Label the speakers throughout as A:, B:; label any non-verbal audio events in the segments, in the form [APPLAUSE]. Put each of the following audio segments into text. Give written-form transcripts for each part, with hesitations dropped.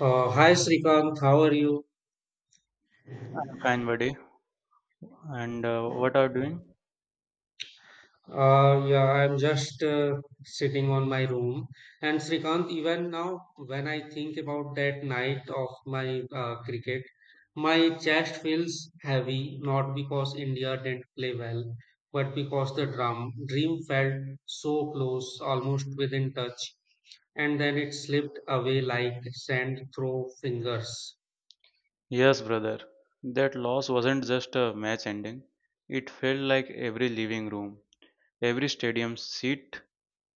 A: Hi Srikanth, how are you?
B: Fine, buddy. And what are you doing?
A: Yeah, I'm just sitting on my room. And Srikanth, even now, when I think about that night of my cricket, my chest feels heavy, not because India didn't play well, but because the drum dream felt so close, almost within touch, and then it slipped away like sand through fingers.
B: Yes, brother. That loss wasn't just a match ending. It felt like every living room, every stadium seat,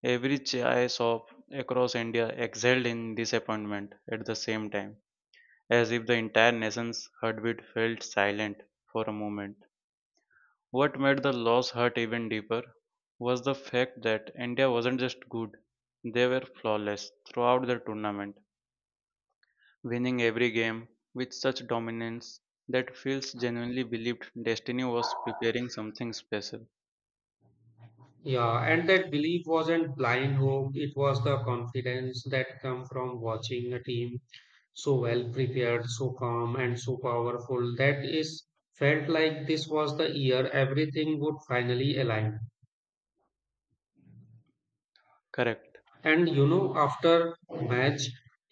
B: every chai shop across India exhaled in disappointment at the same time, as if the entire nation's heartbeat felt silent for a moment. What made the loss hurt even deeper was the fact that India wasn't just good, they were flawless throughout the tournament winning every game with such dominance that Fields genuinely believed Destiny was preparing something special.
A: Yeah, and that belief wasn't blind hope, it was the confidence that come from watching a team so well prepared, so calm and so powerful that is felt like this was the year everything would finally align.
B: Correct.
A: And you know, after match,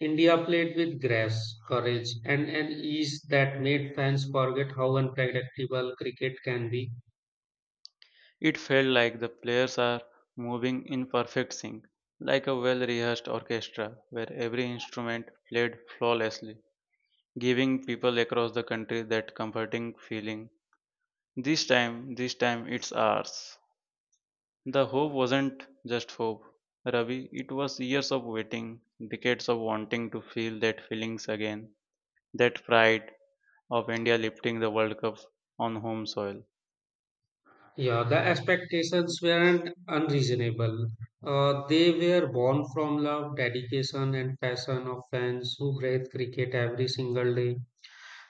A: India played with grace, courage and an ease that made fans forget how unpredictable cricket can be.
B: It felt like the players are moving in perfect sync, like a well rehearsed orchestra where every instrument played flawlessly, giving people across the country that comforting feeling. This time it's ours. The hope wasn't just hope, Ravi, it was years of waiting, decades of wanting to feel that feelings again. That pride of India lifting the World Cup on home soil.
A: Yeah, the expectations weren't unreasonable. They were born from love, dedication, and passion of fans who breathe cricket every single day.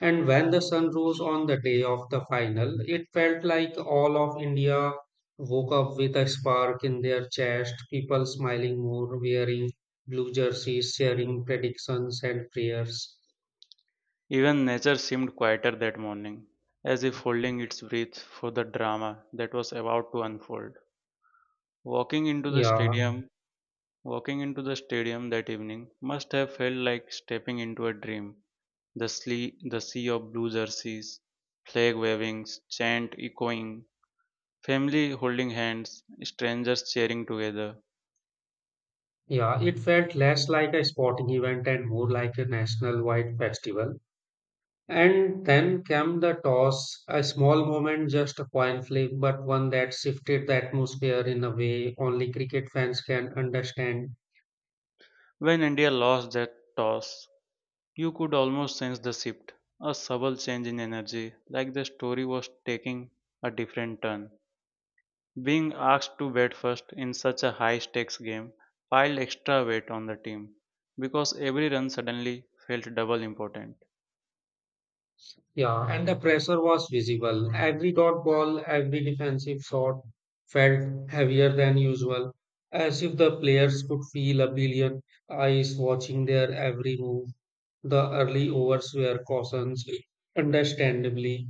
A: And when the sun rose on the day of the final, it felt like all of India woke up with a spark in their chest, people smiling more, wearing blue jerseys, sharing predictions and prayers.
B: Even nature seemed quieter that morning, as if holding its breath for the drama that was about to unfold. Walking into the
A: Yeah,
B: stadium, Walking into the stadium that evening must have felt like stepping into a dream. The sea of blue jerseys, flag wavings, chant echoing, family holding hands, strangers cheering together.
A: yeah, it felt less like a sporting event and more like a national wide festival. And then came the toss, a small moment, just a coin flip, but one that shifted the atmosphere in a way only cricket fans can understand.
B: When India lost that toss, you could almost sense the shift, a subtle change in energy, like the story was taking a different turn. Being asked to bat first in such a high stakes game piled extra weight on the team because every run suddenly felt double important.
A: Yeah, and the pressure was visible. Every dot ball, every defensive shot felt heavier than usual, as if the players could feel a billion eyes watching their every move. The early overs were cautions, understandably,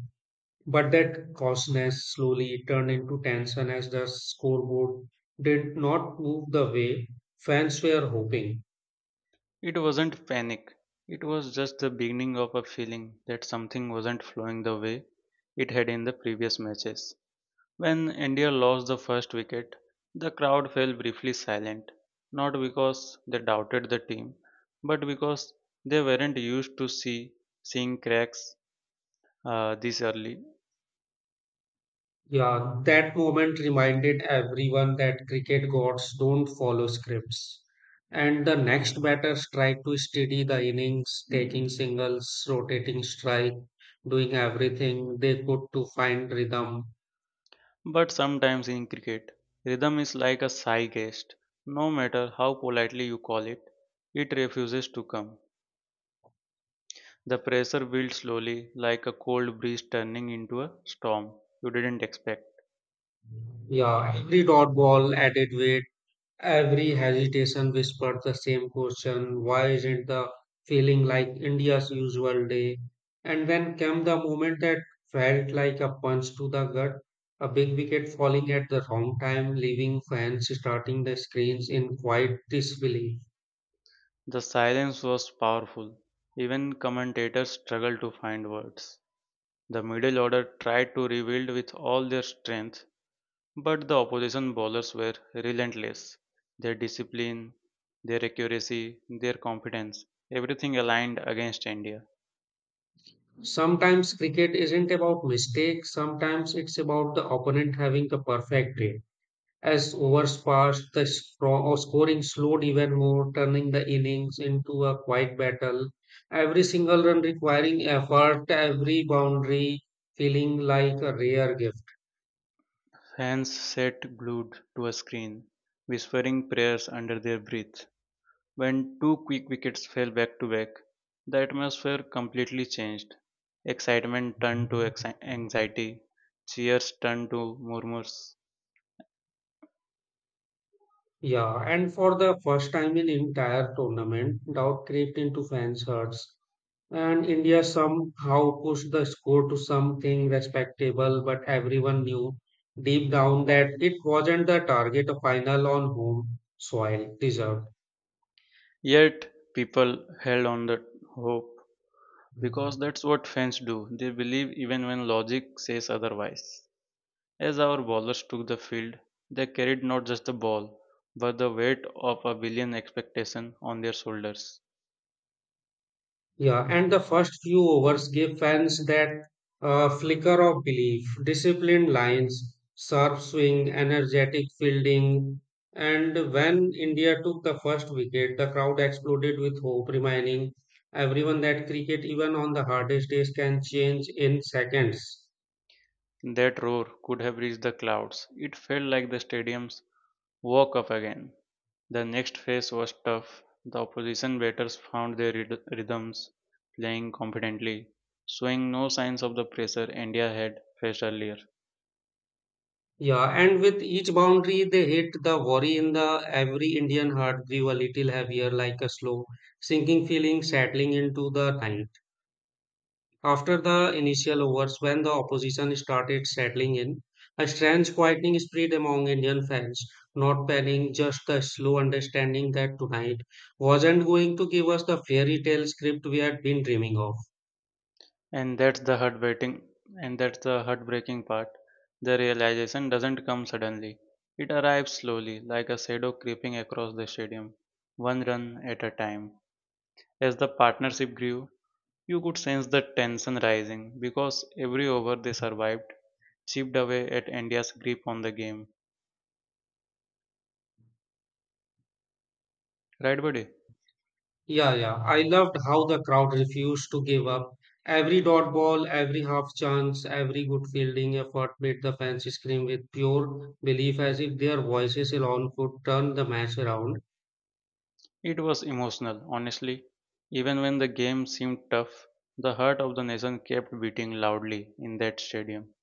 A: but that coarseness slowly turned into tension as the scoreboard did not move the way fans were hoping.
B: It wasn't panic, it was just the beginning of a feeling that something wasn't flowing the way it had in the previous matches. When India lost the first wicket, the crowd fell briefly silent, not because they doubted the team, but because they weren't used to seeing cracks this early.
A: Yeah, that moment reminded everyone that cricket gods don't follow scripts. And the next batter tried to steady the innings, taking singles, rotating strike, doing everything they could to find rhythm.
B: But sometimes in cricket, rhythm is like a sigh guest. No matter how politely you call it, it refuses to come. The pressure builds slowly, like a cold breeze turning into a storm you didn't expect.
A: Yeah, every dot ball added weight. Every hesitation whispered the same question, why isn't the feeling like India's usual day? And then came the moment that felt like a punch to the gut, a big wicket falling at the wrong time, leaving fans starting the screens in quiet disbelief.
B: The silence was powerful. Even commentators struggled to find words. The middle order tried to rebuild with all their strength, but the opposition bowlers were relentless. Their discipline, their accuracy, their confidence, everything aligned against India.
A: Sometimes cricket isn't about mistakes, sometimes it's about the opponent having the perfect day. As overs passed, the scoring slowed even more, turning the innings into a quiet battle. Every single run requiring effort, every boundary feeling like a rare gift.
B: Fans sat glued to a screen, whispering prayers under their breath. When two quick wickets fell back to back, the atmosphere completely changed. Excitement turned to anxiety, cheers turned to murmurs.
A: Yeah, and for the first time in entire tournament, doubt crept into fans' hearts, and India somehow pushed the score to something respectable. But everyone knew deep down that it wasn't the target a final on home soil deserved.
B: Yet, people held on the hope because that's what fans do. They believe even when logic says otherwise. As our bowlers took the field, they carried not just the ball, but the weight of a billion expectation on their shoulders.
A: Yeah, and the first few overs gave fans that flicker of belief, disciplined lines, sharp swing, energetic fielding. And when India took the first wicket, the crowd exploded with hope, reminding everyone that cricket, even on the hardest days, can change in seconds.
B: That roar could have reached the clouds. It felt like the stadiums woke up again. The next phase was tough. The opposition batters found their rhythms, playing confidently, showing no signs of the pressure India had faced earlier.
A: Yeah, and with each boundary they hit, the worry in the every Indian heart grew a little heavier, like a slow sinking feeling settling into the night. After the initial overs, when the opposition started settling in, a strange quieting spread among Indian fans, not panic, just the slow understanding that tonight wasn't going to give us the fairy tale script we had been dreaming of.
B: And that's the heartbreaking and that's the heartbreaking part. The realization doesn't come suddenly. It arrives slowly, like a shadow creeping across the stadium, one run at a time. As the partnership grew, you could sense the tension rising because every over they survived chipped away at India's grip on the game. Right, buddy?
A: Yeah, yeah, I loved how the crowd refused to give up. Every dot ball, every half chance, every good fielding effort made the fans scream with pure belief as if their voices alone could turn the match around.
B: It was emotional, honestly. Even when the game seemed tough, the heart of the nation kept beating loudly in that stadium.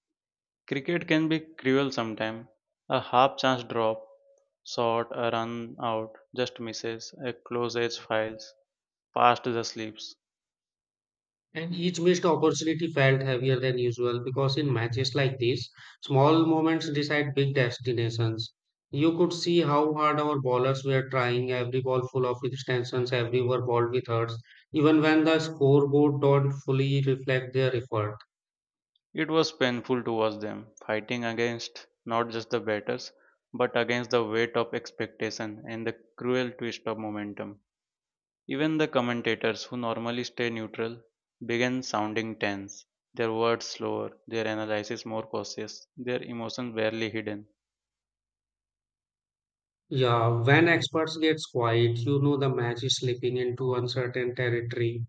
B: Cricket can be cruel sometimes. A half chance drop, shot, a run out, just misses, a close edge files, past the slips.
A: And each missed opportunity felt heavier than usual because in matches like these, small moments decide big destinations. You could see how hard our bowlers were trying, every ball full of extensions, every over balled with hurts, even when the scoreboard don't fully reflect their effort.
B: It was painful to watch them, fighting against not just the batters, but against the weight of expectation and the cruel twist of momentum. Even the commentators, who normally stay neutral, began sounding tense, their words slower, their analysis more cautious, their emotions barely hidden.
A: Yeah, when experts get quiet, you know the match is slipping into uncertain territory.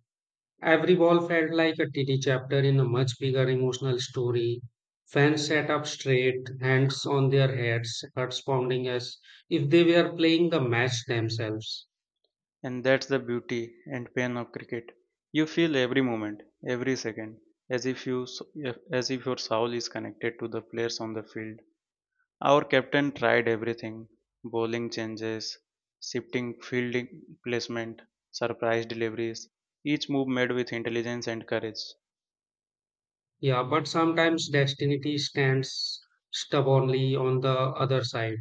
A: Every ball felt like a tiny chapter in a much bigger emotional story. Fans sat up straight, hands on their heads, hearts pounding as if they were playing the match themselves.
B: And that's the beauty and pain of cricket. You feel every moment, every second, as if you as if your soul is connected to the players on the field. Our captain tried everything: bowling changes, shifting fielding placement, surprise deliveries. Each move made with intelligence and courage.
A: Yeah, but sometimes destiny stands stubbornly on the other side.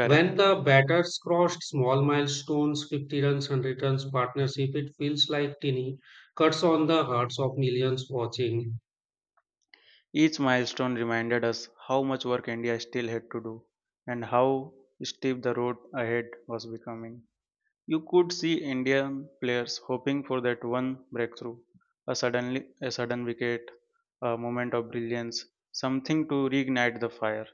A: When the batters crossed small milestones, 50 runs, 100 runs partnership, it feels like tiny cuts on the hearts of millions watching.
B: Each milestone reminded us how much work India still had to do and how steep the road ahead was becoming. You could see Indian players hoping for that one breakthrough, a sudden wicket, a moment of brilliance, something to reignite the fire.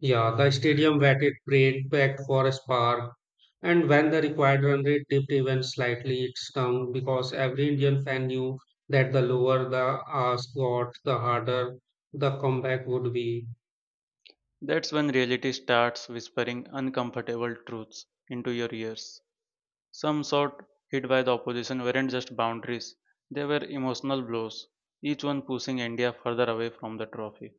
A: Yeah, the stadium waited prayed packed for a spark, and when the required run rate dipped even slightly, it stung because every Indian fan knew that the lower the ask got, the harder the comeback would be.
B: That's when reality starts whispering uncomfortable truths into your ears. Some shot hit by the opposition weren't just boundaries, they were emotional blows, each one pushing India further away from the trophy.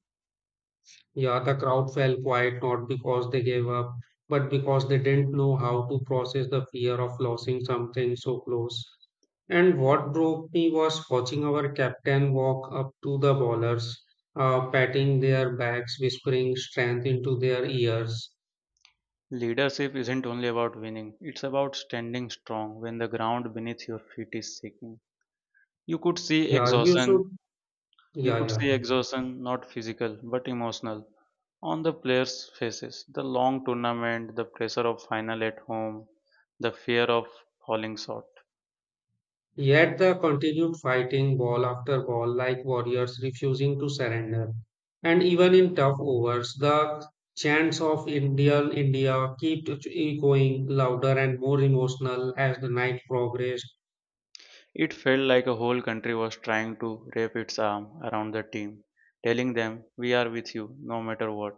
A: Yeah, the crowd fell quiet not because they gave up, but because they didn't know how to process the fear of losing something so close. And what broke me was watching our captain walk up to the bowlers, patting their backs, whispering strength into their ears.
B: Leadership isn't only about winning, it's about standing strong when the ground beneath your feet is shaking. You could see
A: Yeah, you
B: exhaustion,
A: should.
B: you
A: Yeah,
B: could
A: yeah.
B: see exhaustion, not physical but emotional, on the players' faces. The long tournament, the pressure of final at home, the fear of falling short.
A: Yet they continued fighting ball after ball like warriors, refusing to surrender. And even in tough overs, the chants of Indian India kept echoing louder and more emotional as the night progressed.
B: It felt like a whole country was trying to wrap its arm around the team, telling them, "We are with you no matter what."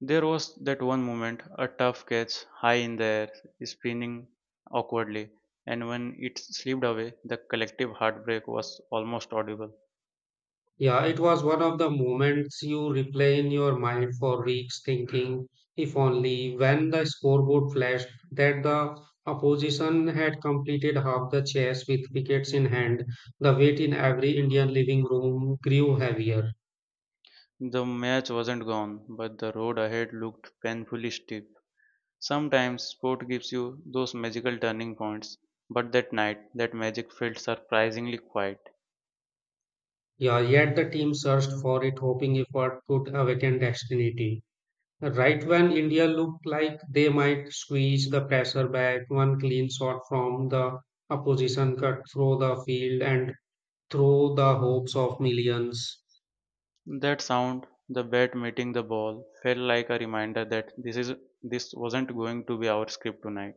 B: There was that one moment, a tough catch high in the air, spinning awkwardly, and when it slipped away, the collective heartbreak was almost audible.
A: Yeah, it was one of the moments you replay in your mind for weeks, thinking, if only, when the scoreboard flashed that the opposition had completed half the chase with wickets in hand, the weight in every Indian living room grew heavier.
B: The match wasn't gone, but the road ahead looked painfully steep. Sometimes sport gives you those magical turning points, but that night, that magic felt surprisingly quiet.
A: Yeah, yet the team searched for it, hoping effort could awaken destiny. Right when India looked like they might squeeze the pressure back, one clean shot from the opposition cut through the field and through the hopes of millions.
B: That sound, the bat meeting the ball, felt like a reminder that this wasn't going to be our script tonight.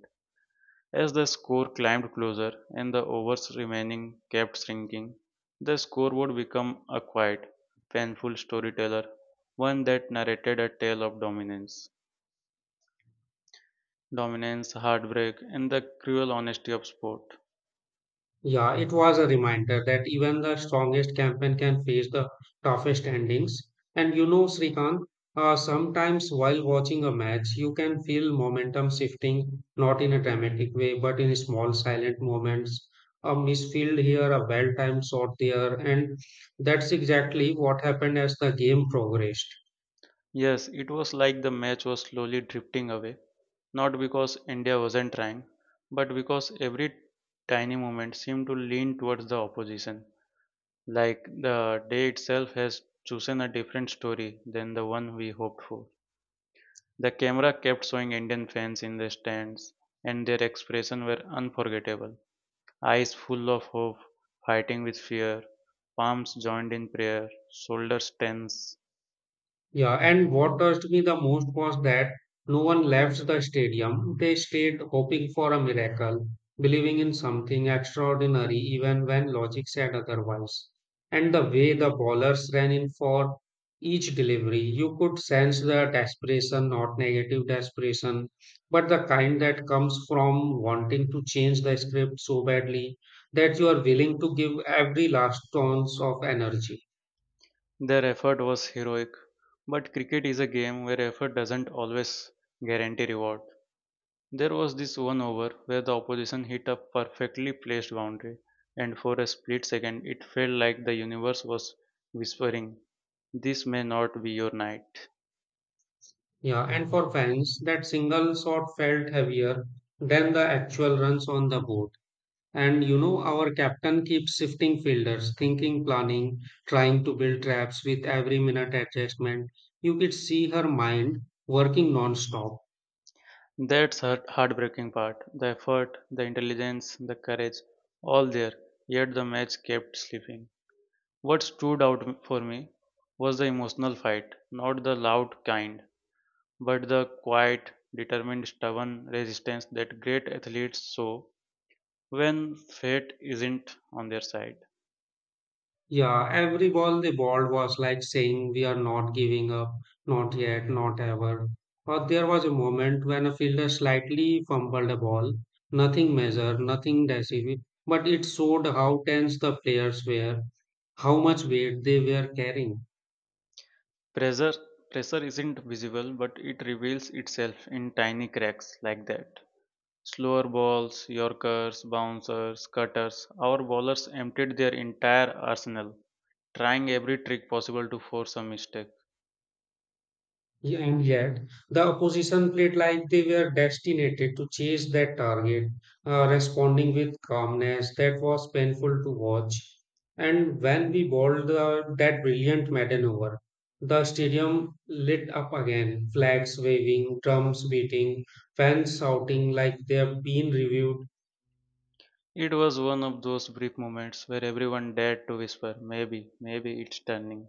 B: As the score climbed closer and the overs remaining kept shrinking, the scoreboard became a quiet, painful storyteller, one that narrated a tale of dominance, heartbreak, and the cruel honesty of sport.
A: Yeah, it was a reminder that even the strongest campaign can face the toughest endings. And you know, Srikant, sometimes while watching a match, you can feel momentum shifting, not in a dramatic way, but in small silent moments. A misfield here, a well timed shot there, and that's exactly what happened as the game progressed.
B: Yes, it was like the match was slowly drifting away, not because India wasn't trying, but because every tiny moment seemed to lean towards the opposition, like the day itself has chosen a different story than the one we hoped for. The camera kept showing Indian fans in the stands, and their expressions were unforgettable. Eyes full of hope, fighting with fear, palms joined in prayer, shoulders tense.
A: Yeah, and what touched me the most was that no one left the stadium. They stayed hoping for a miracle, believing in something extraordinary even when logic said otherwise. And the way the ballers ran in for each delivery, you could sense the desperation, not negative desperation, but the kind that comes from wanting to change the script so badly that you are willing to give every last ounce of energy.
B: Their effort was heroic, but cricket is a game where effort doesn't always guarantee reward. There was this one over where the opposition hit a perfectly placed boundary, and for a split second it felt like the universe was whispering, "This may not be your night."
A: Yeah, and for fans, that single shot felt heavier than the actual runs on the board. And you know, our captain keeps shifting fielders, thinking, planning, trying to build traps with every minute adjustment. You could see her mind working non-stop.
B: That's the heartbreaking part. The effort, the intelligence, the courage, all there, yet the match kept slipping. What stood out for me was the emotional fight, not the loud kind, but the quiet, determined, stubborn resistance that great athletes show when fate isn't on their side.
A: Yeah, every ball they balled was like saying, we are not giving up, not yet, not ever. Or there was a moment when a fielder slightly fumbled a ball, nothing measured, nothing decisive, but it showed how tense the players were, how much weight they were carrying.
B: Pressure, Pressure isn't visible, but it reveals itself in tiny cracks like that. Slower balls, yorkers, bouncers, cutters, our bowlers emptied their entire arsenal, trying every trick possible to force a mistake.
A: Yeah, and yet, the opposition played like they were destined to chase that target, responding with calmness that was painful to watch. And when we bowled the, that brilliant maiden over, the stadium lit up again, flags waving, drums beating, fans shouting like they've been reviewed.
B: It was one of those brief moments where everyone dared to whisper, maybe it's turning.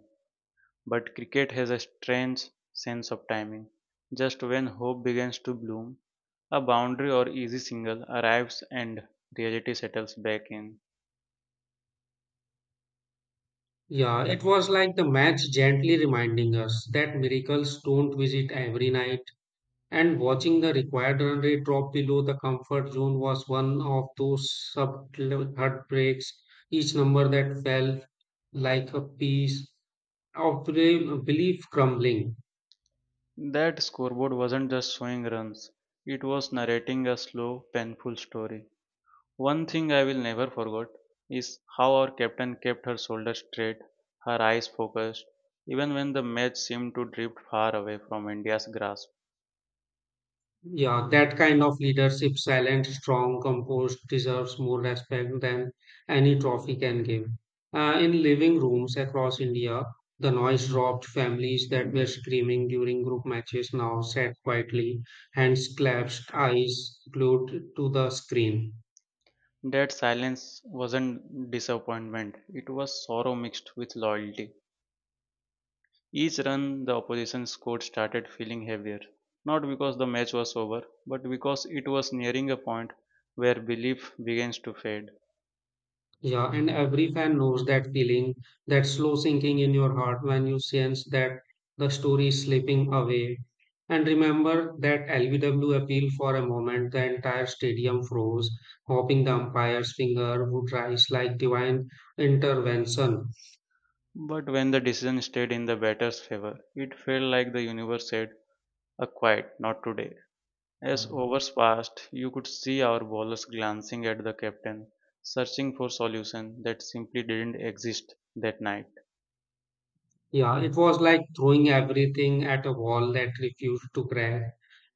B: But cricket has a strange sense of timing. Just when hope begins to bloom, a boundary or easy single arrives and reality settles back in.
A: Yeah, it was like the match gently reminding us that miracles don't visit every night. And watching the required run rate drop below the comfort zone was one of those subtle heartbreaks. Each number that fell like a piece of belief crumbling.
B: That scoreboard wasn't just showing runs, it was narrating a slow, painful story. One thing I will never forget is how our captain kept her shoulders straight, her eyes focused, even when the match seemed to drift far away from India's grasp.
A: Yeah, that kind of leadership, silent, strong, composed, deserves more respect than any trophy can give. In living rooms across India, the noise dropped. Families that were screaming during group matches now sat quietly, hands clasped, eyes glued to the screen.
B: That silence wasn't disappointment, it was sorrow mixed with loyalty. Each run the opposition scored started feeling heavier, not because the match was over, but because it was nearing a point where belief begins to fade.
A: Yeah, and every fan knows that feeling, that slow sinking in your heart when you sense that the story is slipping away. And remember that LBW appeal for a moment, the entire stadium froze, hoping the umpire's finger would rise like divine intervention.
B: But when the decision stayed in the batter's favor, it felt like the universe said, a quiet, not today. As hours passed, you could see our bowlers glancing at the captain, searching for solution that simply didn't exist that night.
A: Yeah, it was like throwing everything at a wall that refused to crack.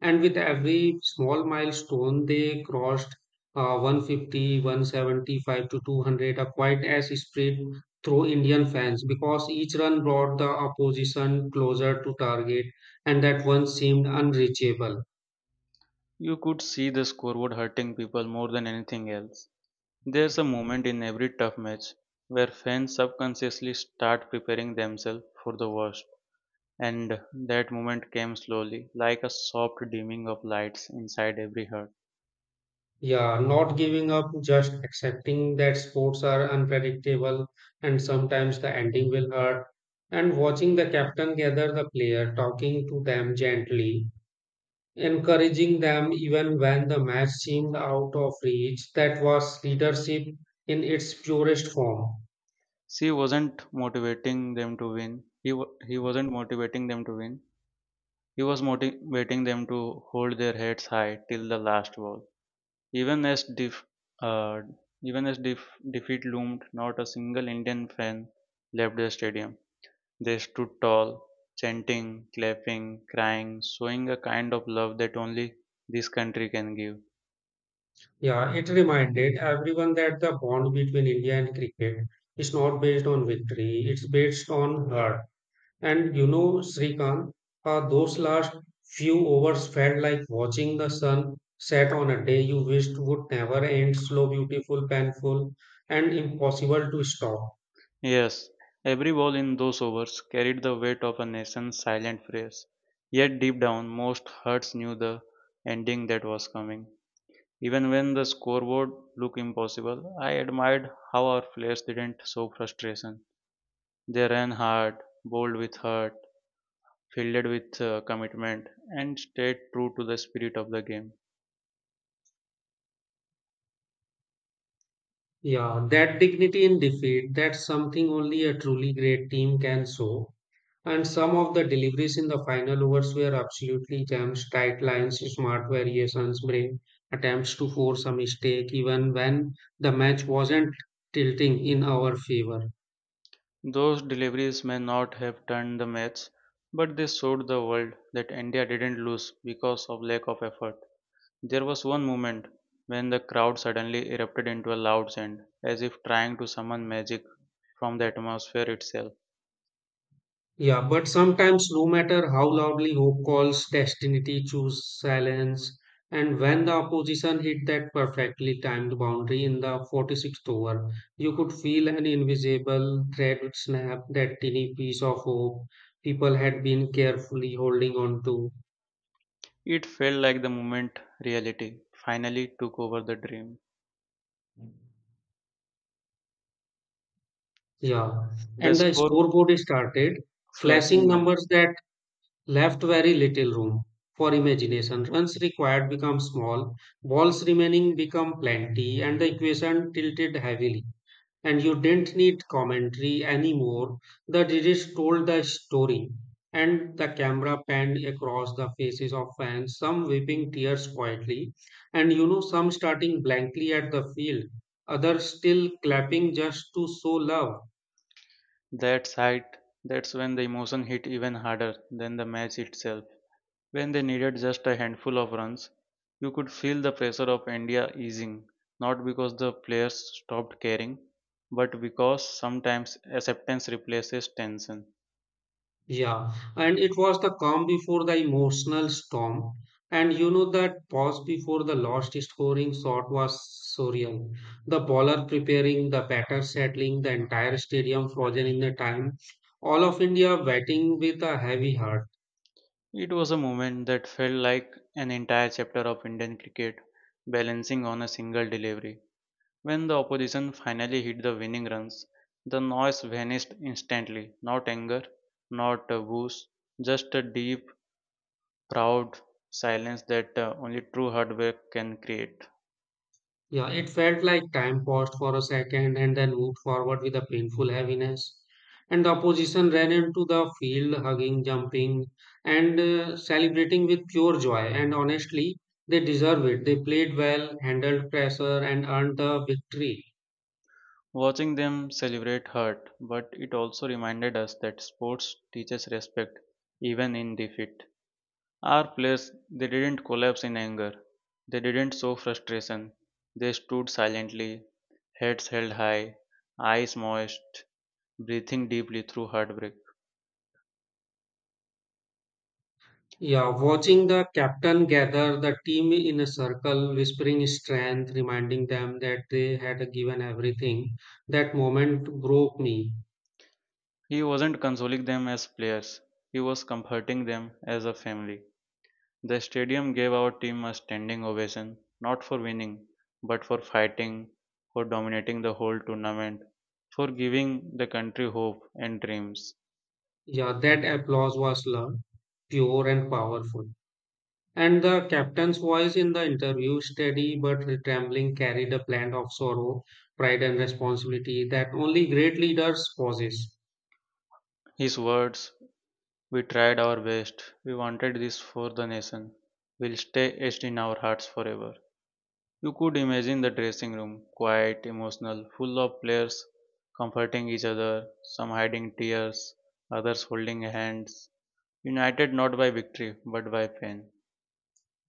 A: And with every small milestone, they crossed 150, 175 to 200, a quite as spread through Indian fans because each run brought the opposition closer to target, and that one seemed unreachable.
B: You could see the scoreboard hurting people more than anything else. There's a moment in every tough match where fans subconsciously start preparing themselves for the worst. And that moment came slowly, like a soft dimming of lights inside every heart.
A: Yeah, not giving up, just accepting that sports are unpredictable and sometimes the ending will hurt. And watching the captain gather the player, talking to them gently, encouraging them even when the match seemed out of reach, that was leadership in its purest form.
B: She wasn't motivating them to win. He wasn't motivating them to win. He was motivating them to hold their heads high till the last wall. Even as, def- uh, defeat loomed, not a single Indian fan left the stadium. They stood tall, chanting, clapping, crying, showing a kind of love that only this country can give.
A: Yeah, it reminded everyone that the bond between India and cricket is not based on victory, it's based on heart. And you know, Srikant, those last few overs felt like watching the sun set on a day you wished would never end, slow, beautiful, painful, and impossible to stop.
B: Yes, every ball in those overs carried the weight of a nation's silent prayers. Yet deep down, most hearts knew the ending that was coming. Even when the scoreboard looked impossible, I admired how our players didn't show frustration. They ran hard, bowled with heart, fielded with commitment, and stayed true to the spirit of the game.
A: Yeah, that dignity in defeat, that's something only a truly great team can show. And some of the deliveries in the final overs were absolutely gems, tight lines, smart variations, brave attempts to force a mistake, even when the match wasn't tilting in our favor.
B: Those deliveries may not have turned the match, but they showed the world that India didn't lose because of lack of effort. There was one moment when the crowd suddenly erupted into a loud chant, as if trying to summon magic from the atmosphere itself.
A: Yeah, but sometimes, no matter how loudly hope calls, destiny chooses silence. And when the opposition hit that perfectly timed boundary in the 46th over, you could feel an invisible thread would snap that tiny piece of hope people had been carefully holding on to.
B: It felt like the moment reality finally took over the dream.
A: Yeah,
B: The
A: and the
B: score
A: scoreboard started flashing
B: flashing out,
A: numbers that left very little room for imagination. Runs required become small, balls remaining become plenty, and the equation tilted heavily. And you didn't need commentary anymore. The judges told the story, and the camera panned across the faces of fans, some weeping tears quietly, and you know, some starting blankly at the field, others still clapping just to show love.
B: that sight, that's when the emotion hit even harder than the match itself. When they needed just a handful of runs, you could feel the pressure of India easing, not because the players stopped caring, but because sometimes acceptance replaces tension.
A: Yeah, and it was the calm before the emotional storm. And you know that pause before the last scoring shot was surreal. The bowler preparing, the batter settling, the entire stadium frozen in the time. All of India batting with a heavy heart.
B: It was a moment that felt like an entire chapter of Indian cricket balancing on a single delivery. When the opposition finally hit the winning runs, the noise vanished instantly. Not anger, not boos, just a deep, proud silence that only true hard work can create.
A: Yeah, it felt like time paused for a second and then moved forward with a painful heaviness. And the opposition ran into the field, hugging, jumping, and celebrating with pure joy. And honestly, they deserve it. They played well, handled pressure, and earned the victory.
B: Watching them celebrate hurt, but it also reminded us that sports teaches respect even in defeat. Our players, they didn't collapse in anger. They didn't show frustration. They stood silently, heads held high, eyes moist, breathing deeply through heartbreak.
A: Yeah, watching the captain gather the team in a circle, whispering strength, reminding them that they had given everything, that moment broke me.
B: He wasn't consoling them as players, he was comforting them as a family. The stadium gave our team a standing ovation, not for winning, but for fighting, for dominating the whole tournament, for giving the country hope and dreams.
A: Yeah, that applause was loud, pure and powerful. And the captain's voice in the interview, steady but trembling, carried a blend of sorrow, pride, and responsibility that only great leaders possess.
B: His words, "We tried our best, we wanted this for the nation," will stay etched in our hearts forever. You could imagine the dressing room, quiet, emotional, full of players comforting each other, some hiding tears, others holding hands, united not by victory but by pain.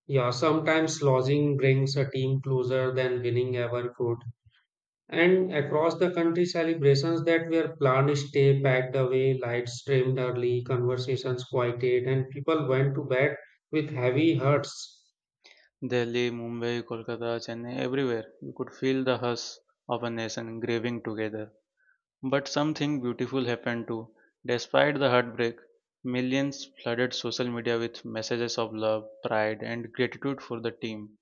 A: Yeah, sometimes losing brings a team closer than winning ever could. And across the country, celebrations that were planned stay packed away, lights trimmed early, conversations quieted, and people went to bed with heavy hearts.
B: Delhi, Mumbai, Kolkata, Chennai, everywhere you could feel the hush of a nation grieving together. But something beautiful happened too. Despite the heartbreak, millions flooded social media with messages of love, pride, and gratitude for the team.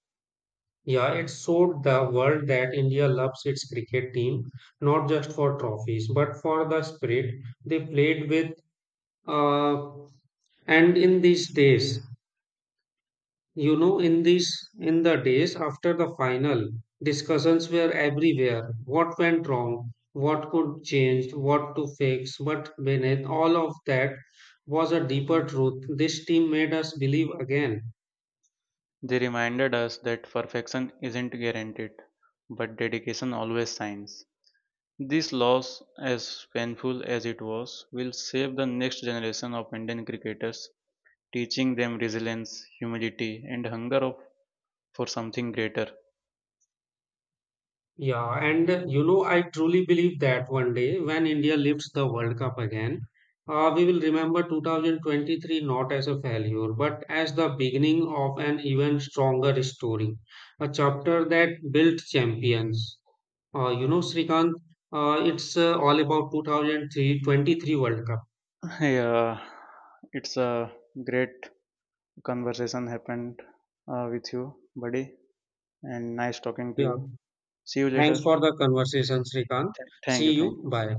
A: Yeah, it showed the world that India loves its cricket team, not just for trophies, but for the spirit they played with. Uh, and in these days, you know, in these in the days after the final, discussions were everywhere. What went wrong? What could change? What to fix? But beneath all of that was a deeper truth. This team made us believe again.
B: They reminded us that perfection isn't guaranteed, but dedication always shines. This loss, as painful as it was, will save the next generation of Indian cricketers, teaching them resilience, humility, and for something greater.
A: Yeah, and you know, I truly believe that one day when India lifts the World Cup again, we will remember 2023 not as a failure, but as the beginning of an even stronger story, a chapter that built champions. You know, Srikanth, it's all about 2023 World Cup.
B: [LAUGHS] Yeah, it's a great conversation happened with you, buddy, and nice talking to
A: Yeah.
B: you. See you later.
A: Thanks for the conversation, Srikanth.
B: Thank you,
A: See
B: thank
A: you.
B: you.
A: Bye.